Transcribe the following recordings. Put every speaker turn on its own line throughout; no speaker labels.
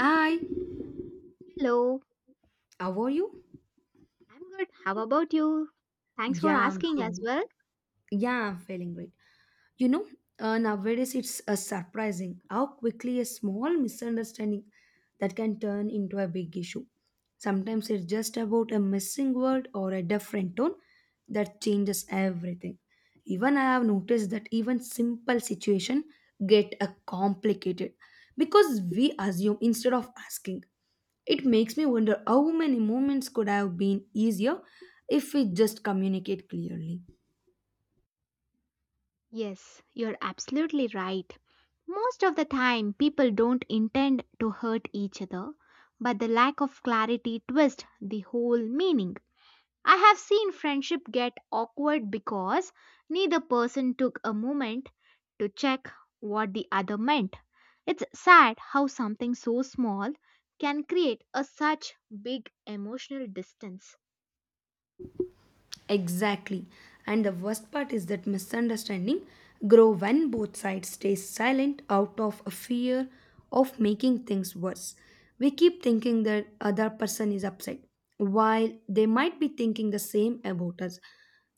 Hi,
Hello,
how are you?
I'm good. How about you? Thanks for
Yeah, I'm
asking as
feeling,
well.
yeah, I'm feeling great. You know, Nowadays it's surprising how quickly a small misunderstanding that can turn into a big issue. Sometimes it's just about a missing word or a different tone that changes everything. Even I have noticed that even simple situation get a complicated because we assume instead of asking. It makes me wonder how many moments could have been easier if we just communicate clearly.
Yes, you're absolutely right. Most of the time, people don't intend to hurt each other, but the lack of clarity twists the whole meaning. I have seen friendship get awkward because neither person took a moment to check what the other meant. It's sad how something so small can create a such big emotional distance.
Exactly. And the worst part is that misunderstanding grow when both sides stay silent out of a fear of making things worse. We keep thinking that other person is upset while they might be thinking the same about us.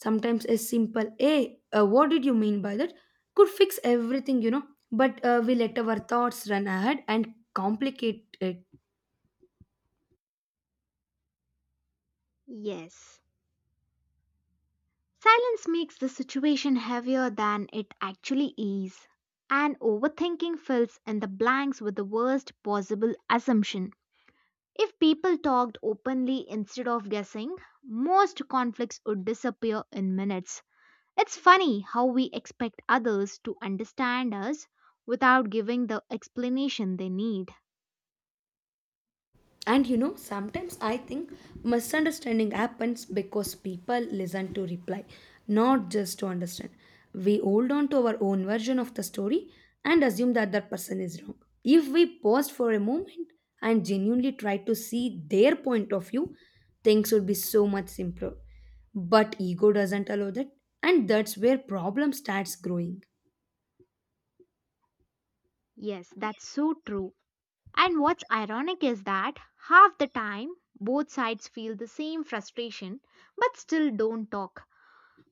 Sometimes a simple hey, what did you mean by that could fix everything, but we let our thoughts run ahead and complicate it.
Yes. Silence makes the situation heavier than it actually is, and overthinking fills in the blanks with the worst possible assumption. If people talked openly instead of guessing, most conflicts would disappear in minutes. It's funny how we expect others to understand us without giving the explanation they need.
And sometimes I think misunderstanding happens because people listen to reply, not just to understand. We hold on to our own version of the story and assume the other person is wrong. If we pause for a moment and genuinely try to see their point of view, things would be so much simpler. But ego doesn't allow that, and that's where problem starts growing.
Yes, that's so true. And what's ironic is that half the time both sides feel the same frustration but still don't talk.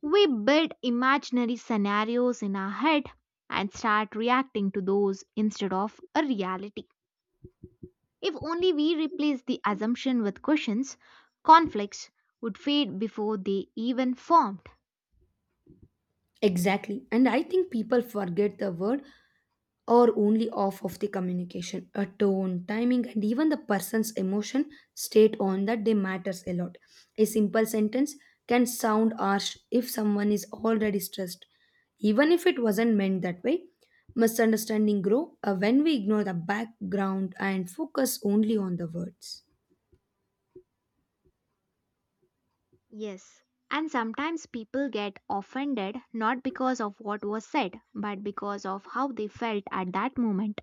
We build imaginary scenarios in our head and start reacting to those instead of a reality. If only we replace the assumption with questions, conflicts would fade before they even formed.
Exactly. And I think people forget the word or only off of the communication, a tone, timing, and even the person's emotion state on that day matters a lot. A simple sentence can sound harsh if someone is already stressed, even if it wasn't meant that way. Misunderstanding grow when we ignore the background and focus only on the words.
Yes. And sometimes people get offended not because of what was said, but because of how they felt at that moment.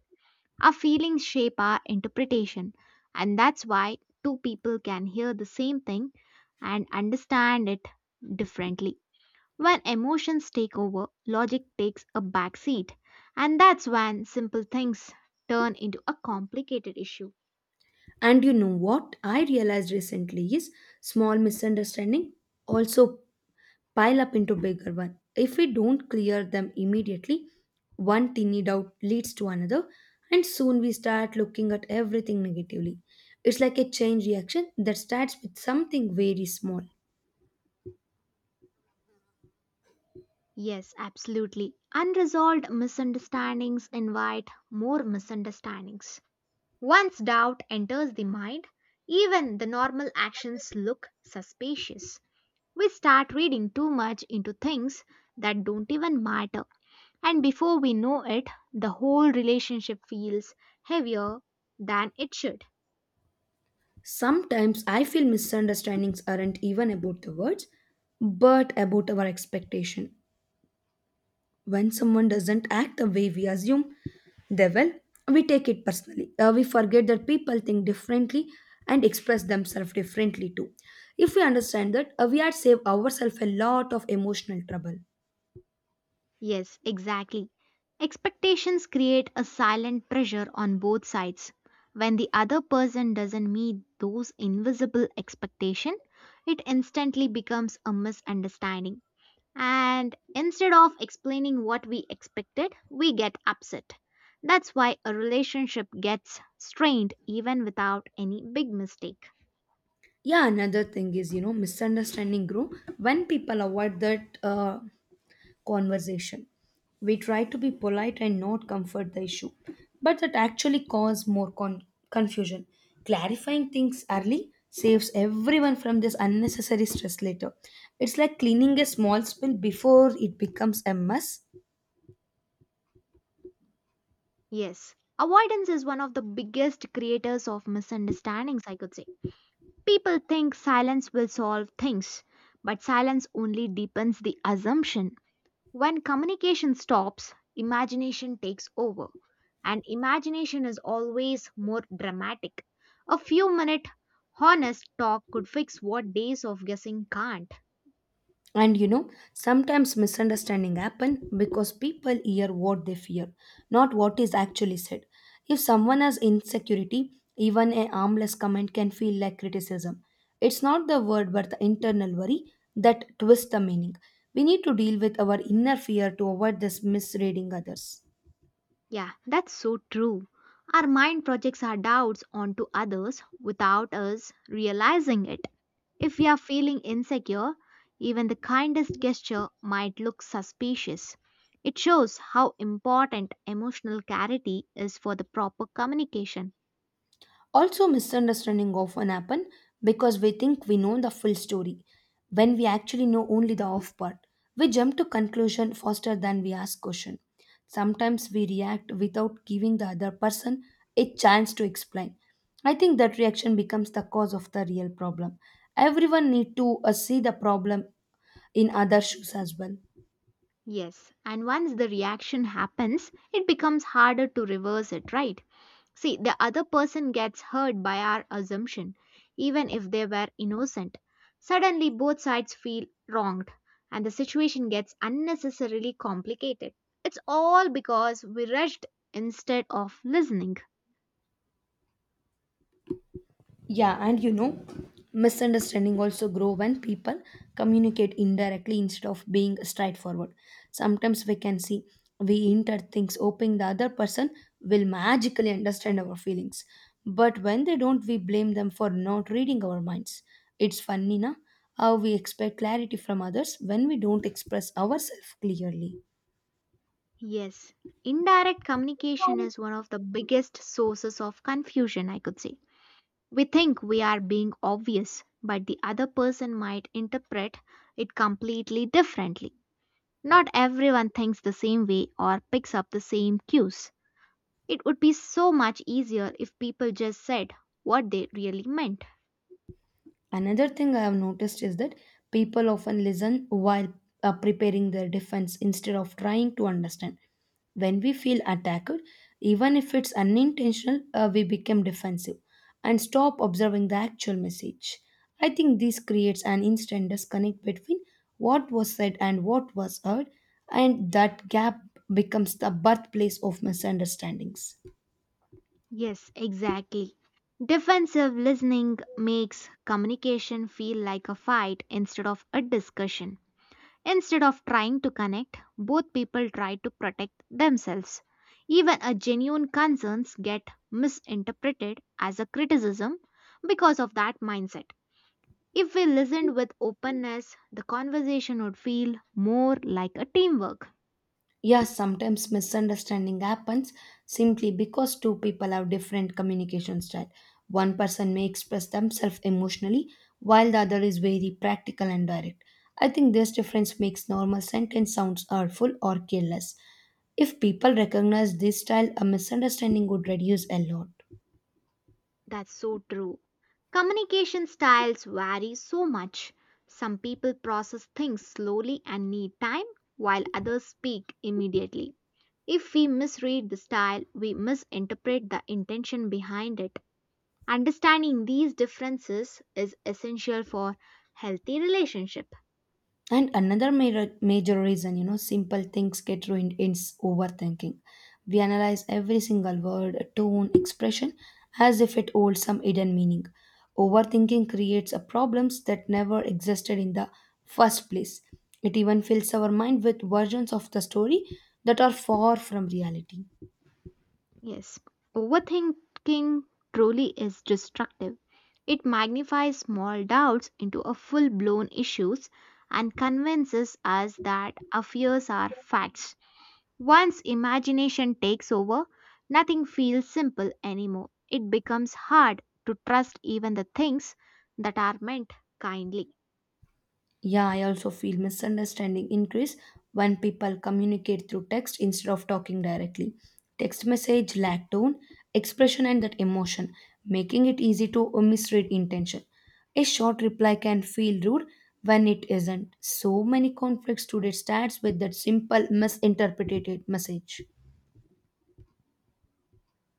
Our feelings shape our interpretation, and that's why two people can hear the same thing and understand it differently. When emotions take over, logic takes a backseat, and that's when simple things turn into a complicated issue.
And you know what I realized recently is small misunderstanding also pile up into bigger one. If we don't clear them immediately, one tiny doubt leads to another, and soon we start looking at everything negatively. It's like a chain reaction that starts with something very small.
Yes, absolutely. Unresolved misunderstandings invite more misunderstandings. Once doubt enters the mind, even the normal actions look suspicious. We start reading too much into things that don't even matter, and before we know it, the whole relationship feels heavier than it should.
Sometimes I feel misunderstandings aren't even about the words, but about our expectation. When someone doesn't act the way we assume they will, we take it personally. We forget that people think differently and express themselves differently too. If we understand that, we had saved ourselves a lot of emotional trouble.
Yes, exactly. Expectations create a silent pressure on both sides. When the other person doesn't meet those invisible expectations, it instantly becomes a misunderstanding. And instead of explaining what we expected, we get upset. That's why a relationship gets strained even without any big mistake.
Yeah, another thing is, you know, misunderstanding grow when people avoid that. Conversation. We try to be polite and not comfort the issue, but that actually causes more confusion. Clarifying things early saves everyone from this unnecessary stress later. It's like cleaning a small spill before it becomes a mess.
Yes, avoidance is one of the biggest creators of misunderstandings, I could say. People think silence will solve things, but silence only deepens the assumption. When communication stops, imagination takes over, and imagination is always more dramatic. A few minute honest talk could fix what days of guessing can't.
And you know, sometimes misunderstanding happen because people hear what they fear, not what is actually said. If someone has insecurity, even a harmless comment can feel like criticism. It's not the word but the internal worry that twists the meaning. We need to deal with our inner fear to avoid this misreading others.
Yeah, that's so true. Our mind projects our doubts onto others without us realizing it. If we are feeling insecure, even the kindest gesture might look suspicious. It shows how important emotional clarity is for the proper communication.
Also, misunderstanding often happen because we think we know the full story when we actually know only the off part. We jump to conclusion faster than we ask question. Sometimes we react without giving the other person a chance to explain. I think that reaction becomes the cause of the real problem. Everyone need to see the problem in other shoes as well.
Yes, and once the reaction happens, it becomes harder to reverse it, right? See, the other person gets hurt by our assumption, even if they were innocent. Suddenly, both sides feel wronged, and the situation gets unnecessarily complicated. It's all because we rushed instead of listening.
Yeah, and you know, misunderstanding also grow when people communicate indirectly instead of being straightforward. Sometimes we can see we enter things hoping the other person will magically understand our feelings. But when they don't, we blame them for not reading our minds. It's funny, na? How we expect clarity from others when we don't express ourselves clearly.
Yes, indirect communication is one of the biggest sources of confusion, I could say. We think we are being obvious, but the other person might interpret it completely differently. Not everyone thinks the same way or picks up the same cues. It would be so much easier if people just said what they really meant.
Another thing I have noticed is that people often listen while preparing their defense instead of trying to understand. When we feel attacked, even if it's unintentional, we become defensive and stop observing the actual message. I think this creates an instant disconnect between what was said and what was heard, and that gap becomes the birthplace of misunderstandings.
Yes, exactly. Defensive listening makes communication feel like a fight instead of a discussion. Instead of trying to connect, both people try to protect themselves. Even a genuine concerns get misinterpreted as a criticism because of that mindset. If we listened with openness, the conversation would feel more like a teamwork.
Yes, sometimes misunderstanding happens simply because two people have different communication style. One person may express themselves emotionally while the other is very practical and direct. I think this difference makes normal sentence sounds hurtful or careless. If people recognize this style, a misunderstanding would reduce a lot.
That's so true. Communication styles vary so much. Some people process things slowly and need time, while others speak immediately. If we misread the style, we misinterpret the intention behind it. Understanding these differences is essential for healthy relationships.
And another major, major reason, you know, simple things get ruined is overthinking. We analyze every single word, tone, expression as if it holds some hidden meaning. Overthinking creates a problems that never existed in the first place. It even fills our mind with versions of the story that are far from reality.
Yes, overthinking truly is destructive. It magnifies small doubts into a full blown issues and convinces us that our fears are facts. Once imagination takes over, nothing feels simple anymore. It becomes hard to trust even the things that are meant kindly.
Yeah, I also feel misunderstanding increase when people communicate through text instead of talking directly. Text message lack tone, expression, and that emotion, making it easy to misread intention. A short reply can feel rude when it isn't. So many conflicts today starts with that simple misinterpreted message.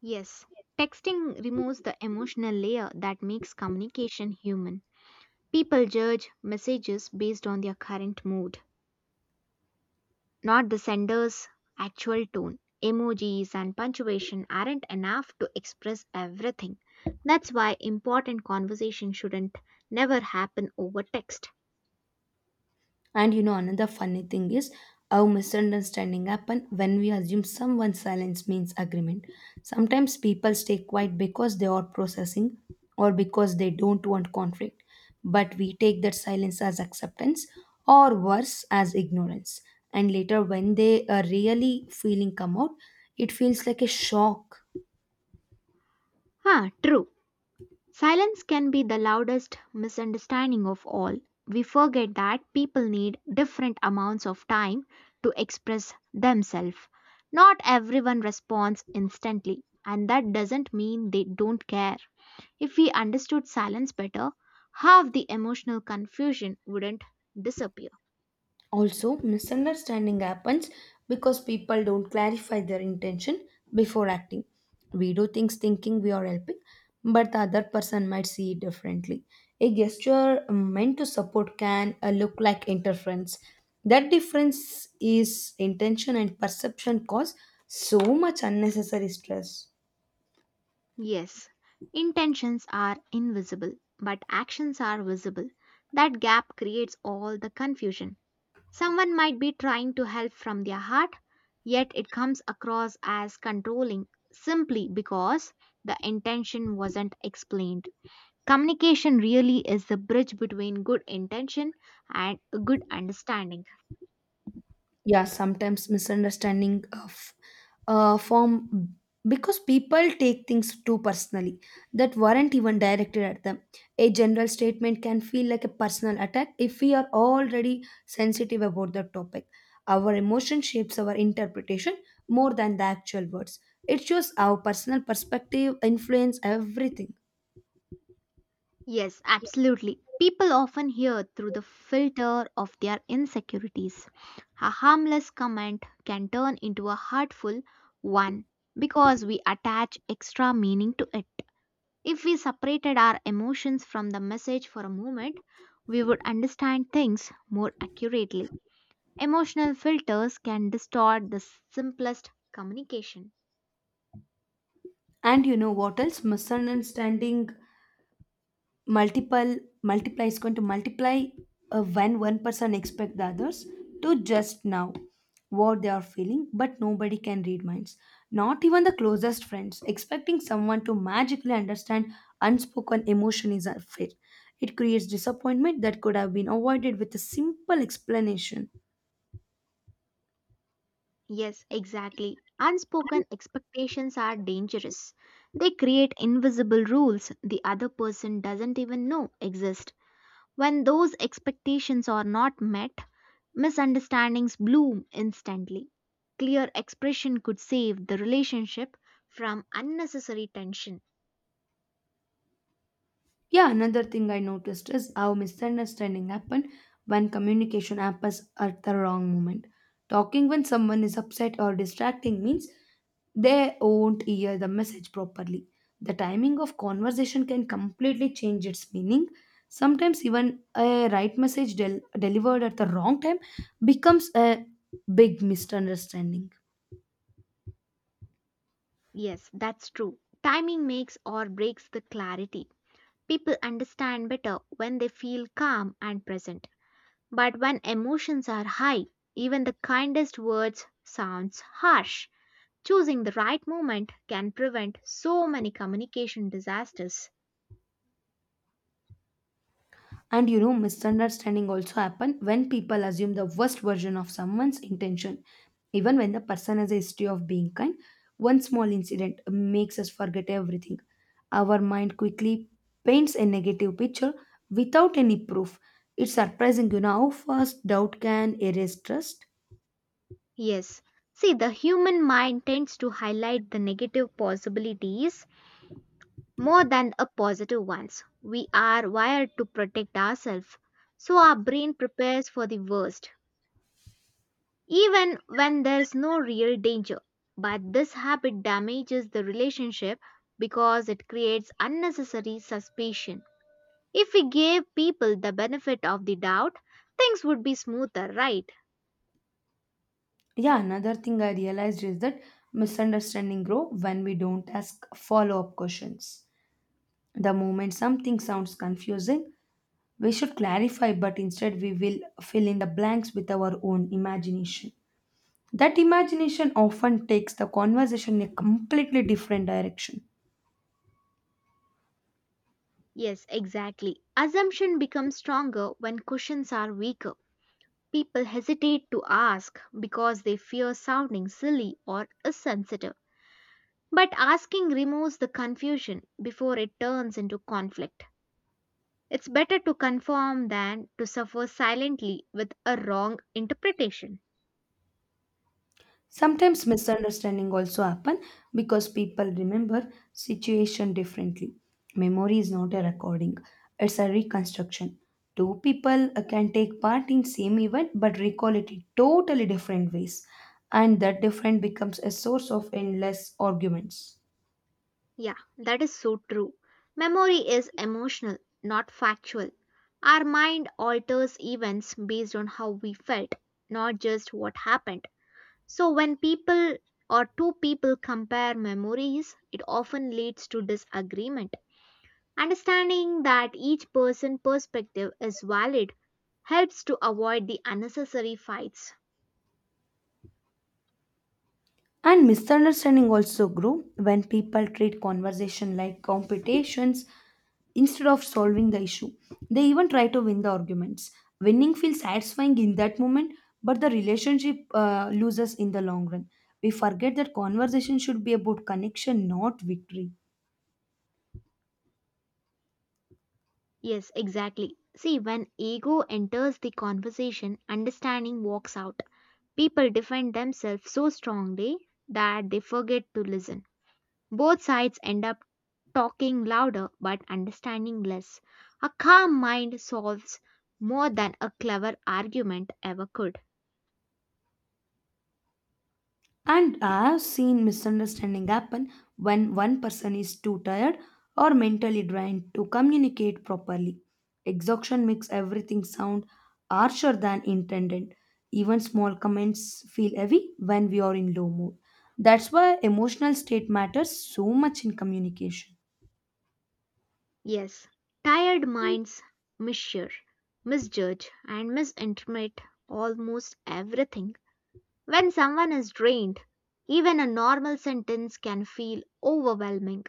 Yes, texting removes the emotional layer that makes communication human. People judge messages based on their current mood, not the sender's actual tone. Emojis and punctuation aren't enough to express everything. That's why important conversation shouldn't never happen over text.
And you know, another funny thing is how misunderstanding happen when we assume someone's silence means agreement. Sometimes people stay quiet because they are processing or because they don't want conflict. But we take that silence as acceptance or worse as ignorance. And later when they are really feeling come out, it feels like a shock.
Ah, true. Silence can be the loudest misunderstanding of all. We forget that people need different amounts of time to express themselves. Not everyone responds instantly, and that doesn't mean they don't care. If we understood silence better, half the emotional confusion wouldn't disappear.
Also, misunderstanding happens because people don't clarify their intention before acting. We do things thinking we are helping, but the other person might see it differently. A gesture meant to support can look like interference. That difference is intention and perception cause so much unnecessary stress.
Yes, intentions are invisible, but actions are visible. That gap creates all the confusion. Someone might be trying to help from their heart, yet it comes across as controlling simply because the intention wasn't explained. Communication really is the bridge between good intention and good understanding.
Yeah, sometimes misunderstanding of form because people take things too personally that weren't even directed at them. A general statement can feel like a personal attack if we are already sensitive about the topic. Our emotion shapes our interpretation more than the actual words. It shows our personal perspective influence everything.
Yes, absolutely. People often hear through the filter of their insecurities. A harmless comment can turn into a hurtful one because we attach extra meaning to it. If we separated our emotions from the message for a moment, we would understand things more accurately. Emotional filters can distort the simplest communication.
And you know what else misunderstanding multiple multiply is going to multiply when one person expect the others to just now what they are feeling, but nobody can read minds, not even the closest friends. Expecting someone to magically understand unspoken emotion is unfair. It creates disappointment that could have been avoided with a simple explanation.
Yes, exactly. Unspoken expectations are dangerous. They create invisible rules the other person doesn't even know exist. When those expectations are not met, misunderstandings bloom instantly. Clear expression could save the relationship from unnecessary tension.
Yeah, another thing I noticed is how misunderstanding happen when communication happens at the wrong moment. Talking when someone is upset or distracting means they won't hear the message properly. The timing of conversation can completely change its meaning. Sometimes even a right message delivered at the wrong time becomes a big misunderstanding.
Yes, that's true. Timing makes or breaks the clarity. People understand better when they feel calm and present. But when emotions are high, even the kindest words sounds harsh. Choosing the right moment can prevent so many communication disasters.
And you know, misunderstanding also happen when people assume the worst version of someone's intention. Even when the person has a history of being kind, one small incident makes us forget everything. Our mind quickly paints a negative picture without any proof. It's surprising, you know, how fast doubt can erase trust.
Yes. See, the human mind tends to highlight the negative possibilities more than the positive ones. We are wired to protect ourselves, so our brain prepares for the worst, even when there's no real danger. But this habit damages the relationship because it creates unnecessary suspicion. If we gave people the benefit of the doubt, things would be smoother, right?
Yeah, another thing I realized is that misunderstanding grow when we don't ask follow-up questions. The moment something sounds confusing, we should clarify, but instead we will fill in the blanks with our own imagination. That imagination often takes the conversation in a completely different direction.
Yes, exactly. Assumption becomes stronger when cushions are weaker. People hesitate to ask because they fear sounding silly or insensitive. But asking removes the confusion before it turns into conflict. It's better to conform than to suffer silently with a wrong interpretation.
Sometimes misunderstanding also happen because people remember situation differently. Memory is not a recording, it's a reconstruction. Two people can take part in same event but recall it in totally different ways, and that different becomes a source of endless arguments.
Yeah, that is so true. Memory is emotional, not factual. Our mind alters events based on how we felt, not just what happened. So, when people or two people compare memories, it often leads to disagreement. Understanding that each person's perspective is valid helps to avoid the unnecessary fights.
And misunderstanding also grew when people treat conversation like competitions instead of solving the issue. They even try to win the arguments. Winning feels satisfying in that moment, but the relationship loses in the long run. We forget that conversation should be about connection, not victory.
Yes, exactly. See, when ego enters the conversation, understanding walks out. People defend themselves so strongly that they forget to listen. Both sides end up talking louder but understanding less. A calm mind solves more than a clever argument ever could.
And I've seen misunderstanding happen when one person is too tired or mentally drained to communicate properly. Exhaustion makes everything sound harsher than intended. Even small comments feel heavy when we are in low mood. That's why emotional state matters so much in communication.
Yes, tired minds mishear, misjudge, and misinterpret almost everything. When someone is drained, even a normal sentence can feel overwhelming.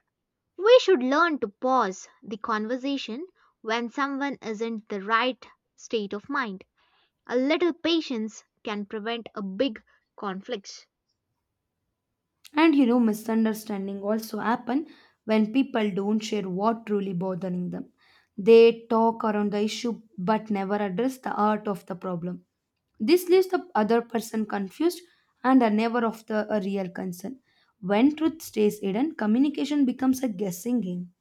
We should learn to pause the conversation when someone isn't the right state of mind. A little patience can prevent a big conflict.
And you know, misunderstanding also happen when people don't share what truly bothering them. They talk around the issue but never address the heart of the problem. This leaves the other person confused and unaware of the a real concern. When truth stays hidden, communication becomes a guessing game.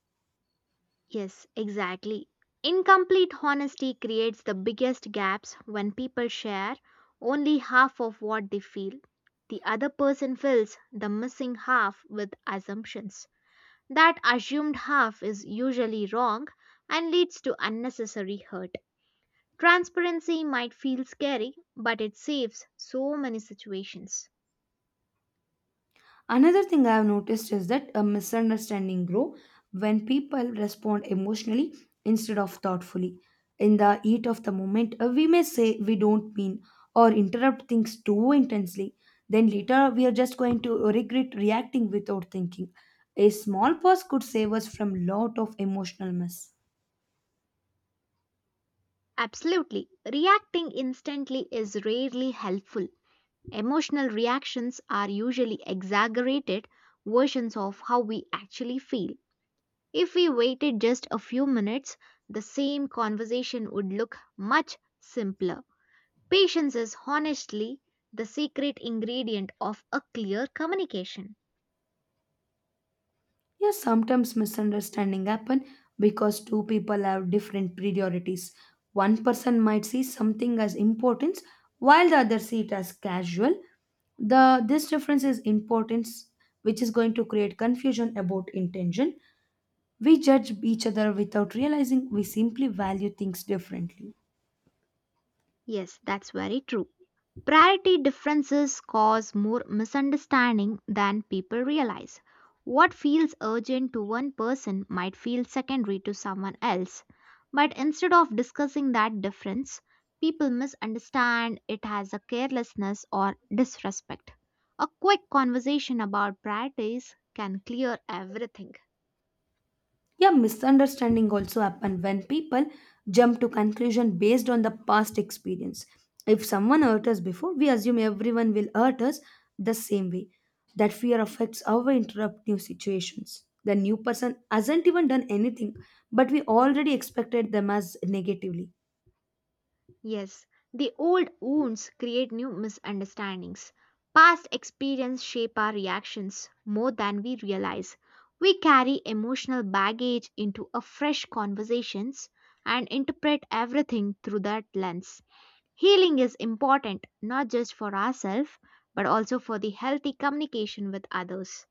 Yes, exactly. Incomplete honesty creates the biggest gaps when people share only half of what they feel. The other person fills the missing half with assumptions. That assumed half is usually wrong and leads to unnecessary hurt. Transparency might feel scary, but it saves so many situations.
Another thing I have noticed is that a misunderstanding grow when people respond emotionally instead of thoughtfully. In the heat of the moment, we may say we don't mean or interrupt things too intensely. Then later, we are just going to regret reacting without thinking. A small pause could save us from lot of emotional mess.
Absolutely, reacting instantly is rarely helpful. Emotional reactions are usually exaggerated versions of how we actually feel. If we waited just a few minutes, the same conversation would look much simpler. Patience is honestly the secret ingredient of a clear communication.
Yeah, sometimes misunderstanding happen because two people have different priorities. One person might see something as importance while the other see it as casual. The this difference is importance which is going to create confusion about intention. We judge each other without realizing we simply value things differently.
Yes, that's very true. Priority differences cause more misunderstanding than people realize. What feels urgent to one person might feel secondary to someone else. But instead of discussing that difference, people misunderstand it as a carelessness or disrespect. A quick conversation about priorities can clear everything.
Yeah, misunderstanding also happen when people jump to conclusion based on the past experience. If someone hurt us before, we assume everyone will hurt us the same way. That fear affects how we interrupt new situations. The new person hasn't even done anything, but we already expected them as negatively.
Yes, the old wounds create new misunderstandings. Past experience shape our reactions more than we realize. We carry emotional baggage into a fresh conversations and interpret everything through that lens. Healing is important not just for ourselves but also for the healthy communication with others.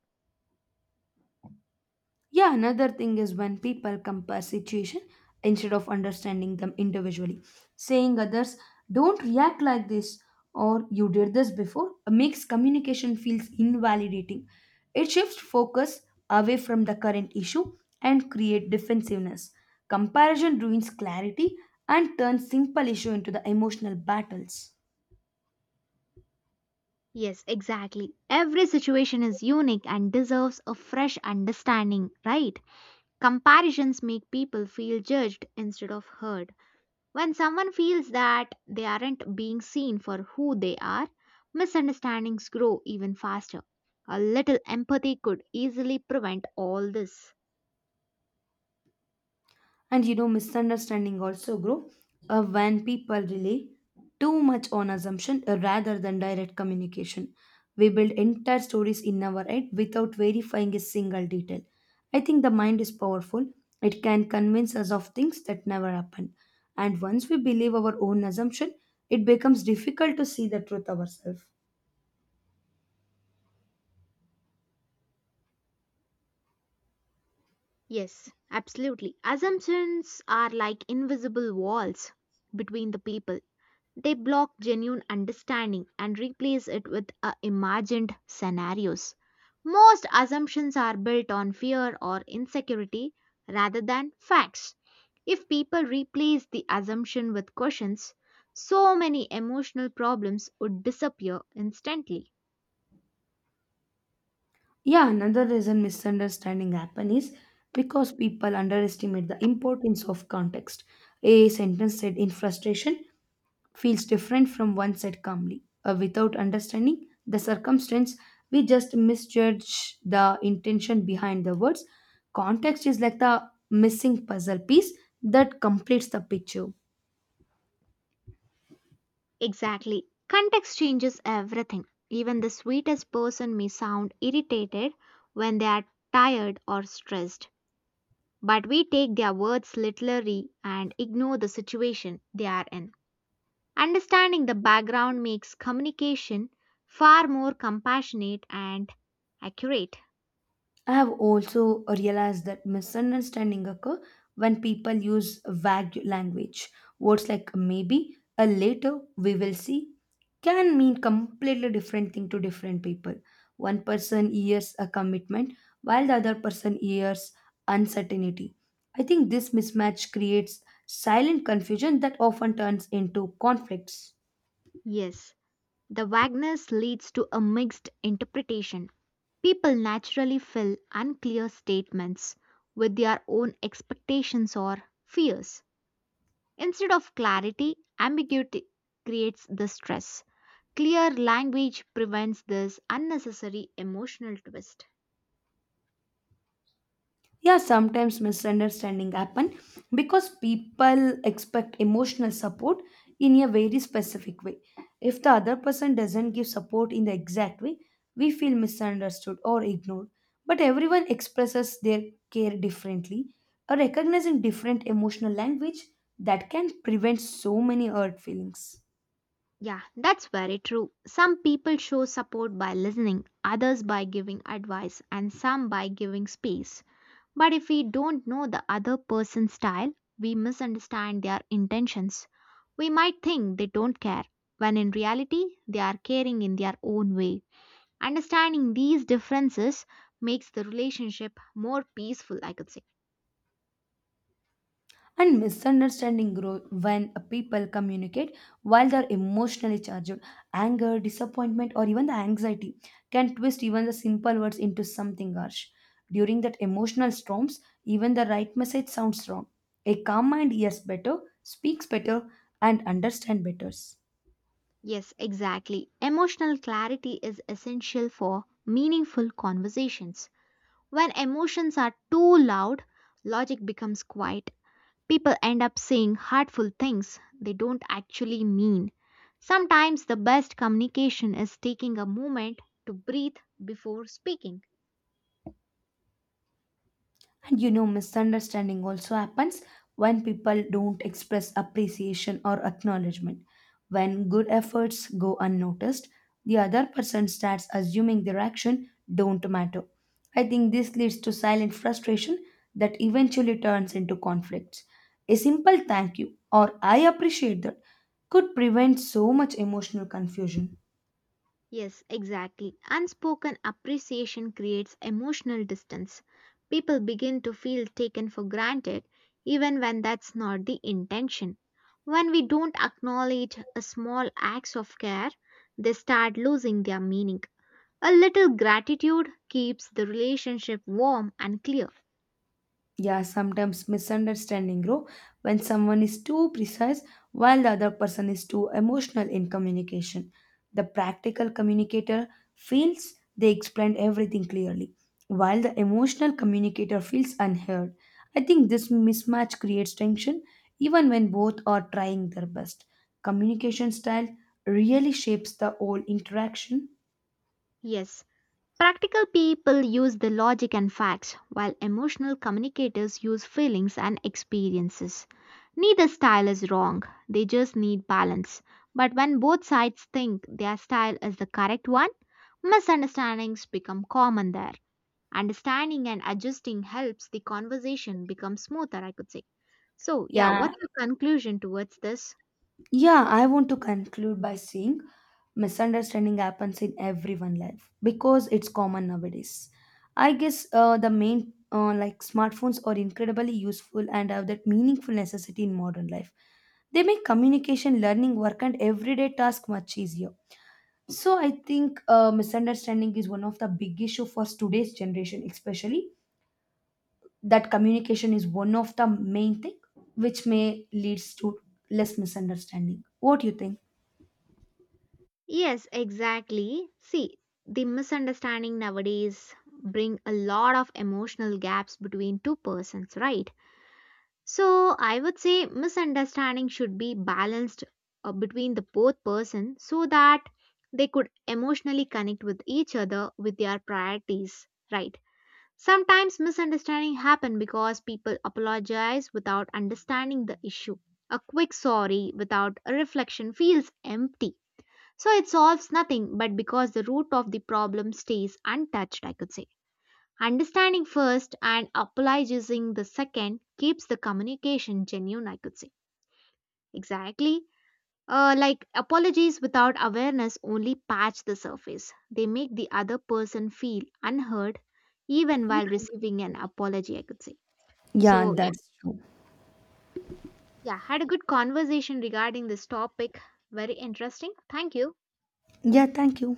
Yeah, another thing is when people compare situation instead of understanding them individually, saying others don't react like this or you did this before makes communication feels invalidating. It shifts focus away from the current issue and create defensiveness. Comparison ruins clarity and turns simple issue into the emotional battles.
Yes, exactly. Every situation is unique and deserves a fresh understanding, right? Comparisons make people feel judged instead of heard. When someone feels that they aren't being seen for who they are, misunderstandings grow even faster. A little empathy could easily prevent all this.
And misunderstanding also grow when people rely too much on assumption rather than direct communication. We build entire stories in our head without verifying a single detail. I think the mind is powerful. It can convince us of things that never happened, and once we believe our own assumption, it becomes difficult to see the truth ourselves.
Yes, absolutely. Assumptions are like invisible walls between the people. They block genuine understanding and replace it with imagined scenarios. Most assumptions are built on fear or insecurity rather than facts. If people replace the assumption with questions, so many emotional problems would disappear instantly.
Yeah, another reason misunderstanding happen is because people underestimate the importance of context. A sentence said in frustration feels different from one said calmly. Without understanding the circumstance, we just misjudge the intention behind the words. Context is like the missing puzzle piece that completes the picture.
Exactly. Context changes everything. Even the sweetest person may sound irritated when they are tired or stressed. But we take their words literally and ignore the situation they are in. Understanding the background makes communication far more compassionate and accurate.
I have also realized that misunderstanding occur when people use vague language. Words like maybe, a later, we will see, can mean completely different thing to different people. One person hears a commitment, while the other person hears uncertainty. I think this mismatch creates silent confusion that often turns into conflicts.
Yes, the vagueness leads to a mixed interpretation. People naturally fill unclear statements with their own expectations or fears. Instead of clarity, ambiguity creates the stress. Clear language prevents this unnecessary emotional twist.
Yeah, sometimes misunderstanding happen because people expect emotional support in a very specific way. If the other person doesn't give support in the exact way, we feel misunderstood or ignored. But everyone expresses their care differently, or recognizing different emotional language, that can prevent so many hurt feelings.
Yeah, that's very true. Some people show support by listening, others by giving advice, and some by giving space. But if we don't know the other person's style, we misunderstand their intentions. We might think they don't care, when in reality, they are caring in their own way. Understanding these differences makes the relationship more peaceful, I could say.
And misunderstanding grow when people communicate while they're emotionally charged. Anger, disappointment, or even the anxiety can twist even the simple words into something harsh. During that emotional storms, even the right message sounds wrong. A calm mind hears better, speaks better, and understand better.
Yes, exactly. Emotional clarity is essential for meaningful conversations. When emotions are too loud, logic becomes quiet. People end up saying hurtful things they don't actually mean. Sometimes the best communication is taking a moment to breathe before speaking.
And misunderstanding also happens when people don't express appreciation or acknowledgement. When good efforts go unnoticed, the other person starts assuming their action don't matter. I think this leads to silent frustration that eventually turns into conflicts. A simple thank you or I appreciate that could prevent so much emotional confusion.
Yes, exactly. Unspoken appreciation creates emotional distance. People begin to feel taken for granted even when that's not the intention. When we don't acknowledge a small acts of care, they start losing their meaning. A little gratitude keeps the relationship warm and clear.
Yeah, sometimes misunderstanding grow when someone is too precise while the other person is too emotional in communication. The practical communicator feels they explained everything clearly, while the emotional communicator feels unheard. I think this mismatch creates tension even when both are trying their best. Communication style really shapes the whole interaction.
Yes, practical people use the logic and facts, while emotional communicators use feelings and experiences. Neither style is wrong, they just need balance. But when both sides think their style is the correct one, misunderstandings become common there. Understanding and adjusting helps the conversation become smoother, I could say. So, yeah,
Yeah,
what's your conclusion towards this?
Yeah, I want to conclude by saying misunderstanding happens in everyone's life because it's common nowadays. I guess the main, like, smartphones are incredibly useful and have that meaningful necessity in modern life. They make communication, learning, work, and everyday task much easier. So I think misunderstanding is one of the big issue for today's generation, especially that communication is one of the main thing which may leads to less misunderstanding. What do you think?
Yes, exactly. See, the misunderstanding nowadays bring a lot of emotional gaps between two persons, right? So I would say misunderstanding should be balanced between the both person so that they could emotionally connect with each other with their priorities, right? Sometimes misunderstanding happen because people apologize without understanding the issue. A quick sorry without a reflection feels empty so it solves nothing, but because the root of the problem stays untouched, I could say. Understanding first and apologizing the second keeps the communication genuine, I could say. Exactly. Like apologies without awareness only patch the surface. They make the other person feel unheard even while receiving an apology, I could say.
Yeah,
So, yeah,
that's true.
yeah, had a good conversation regarding this topic. Very interesting. Thank you.
Yeah, thank you.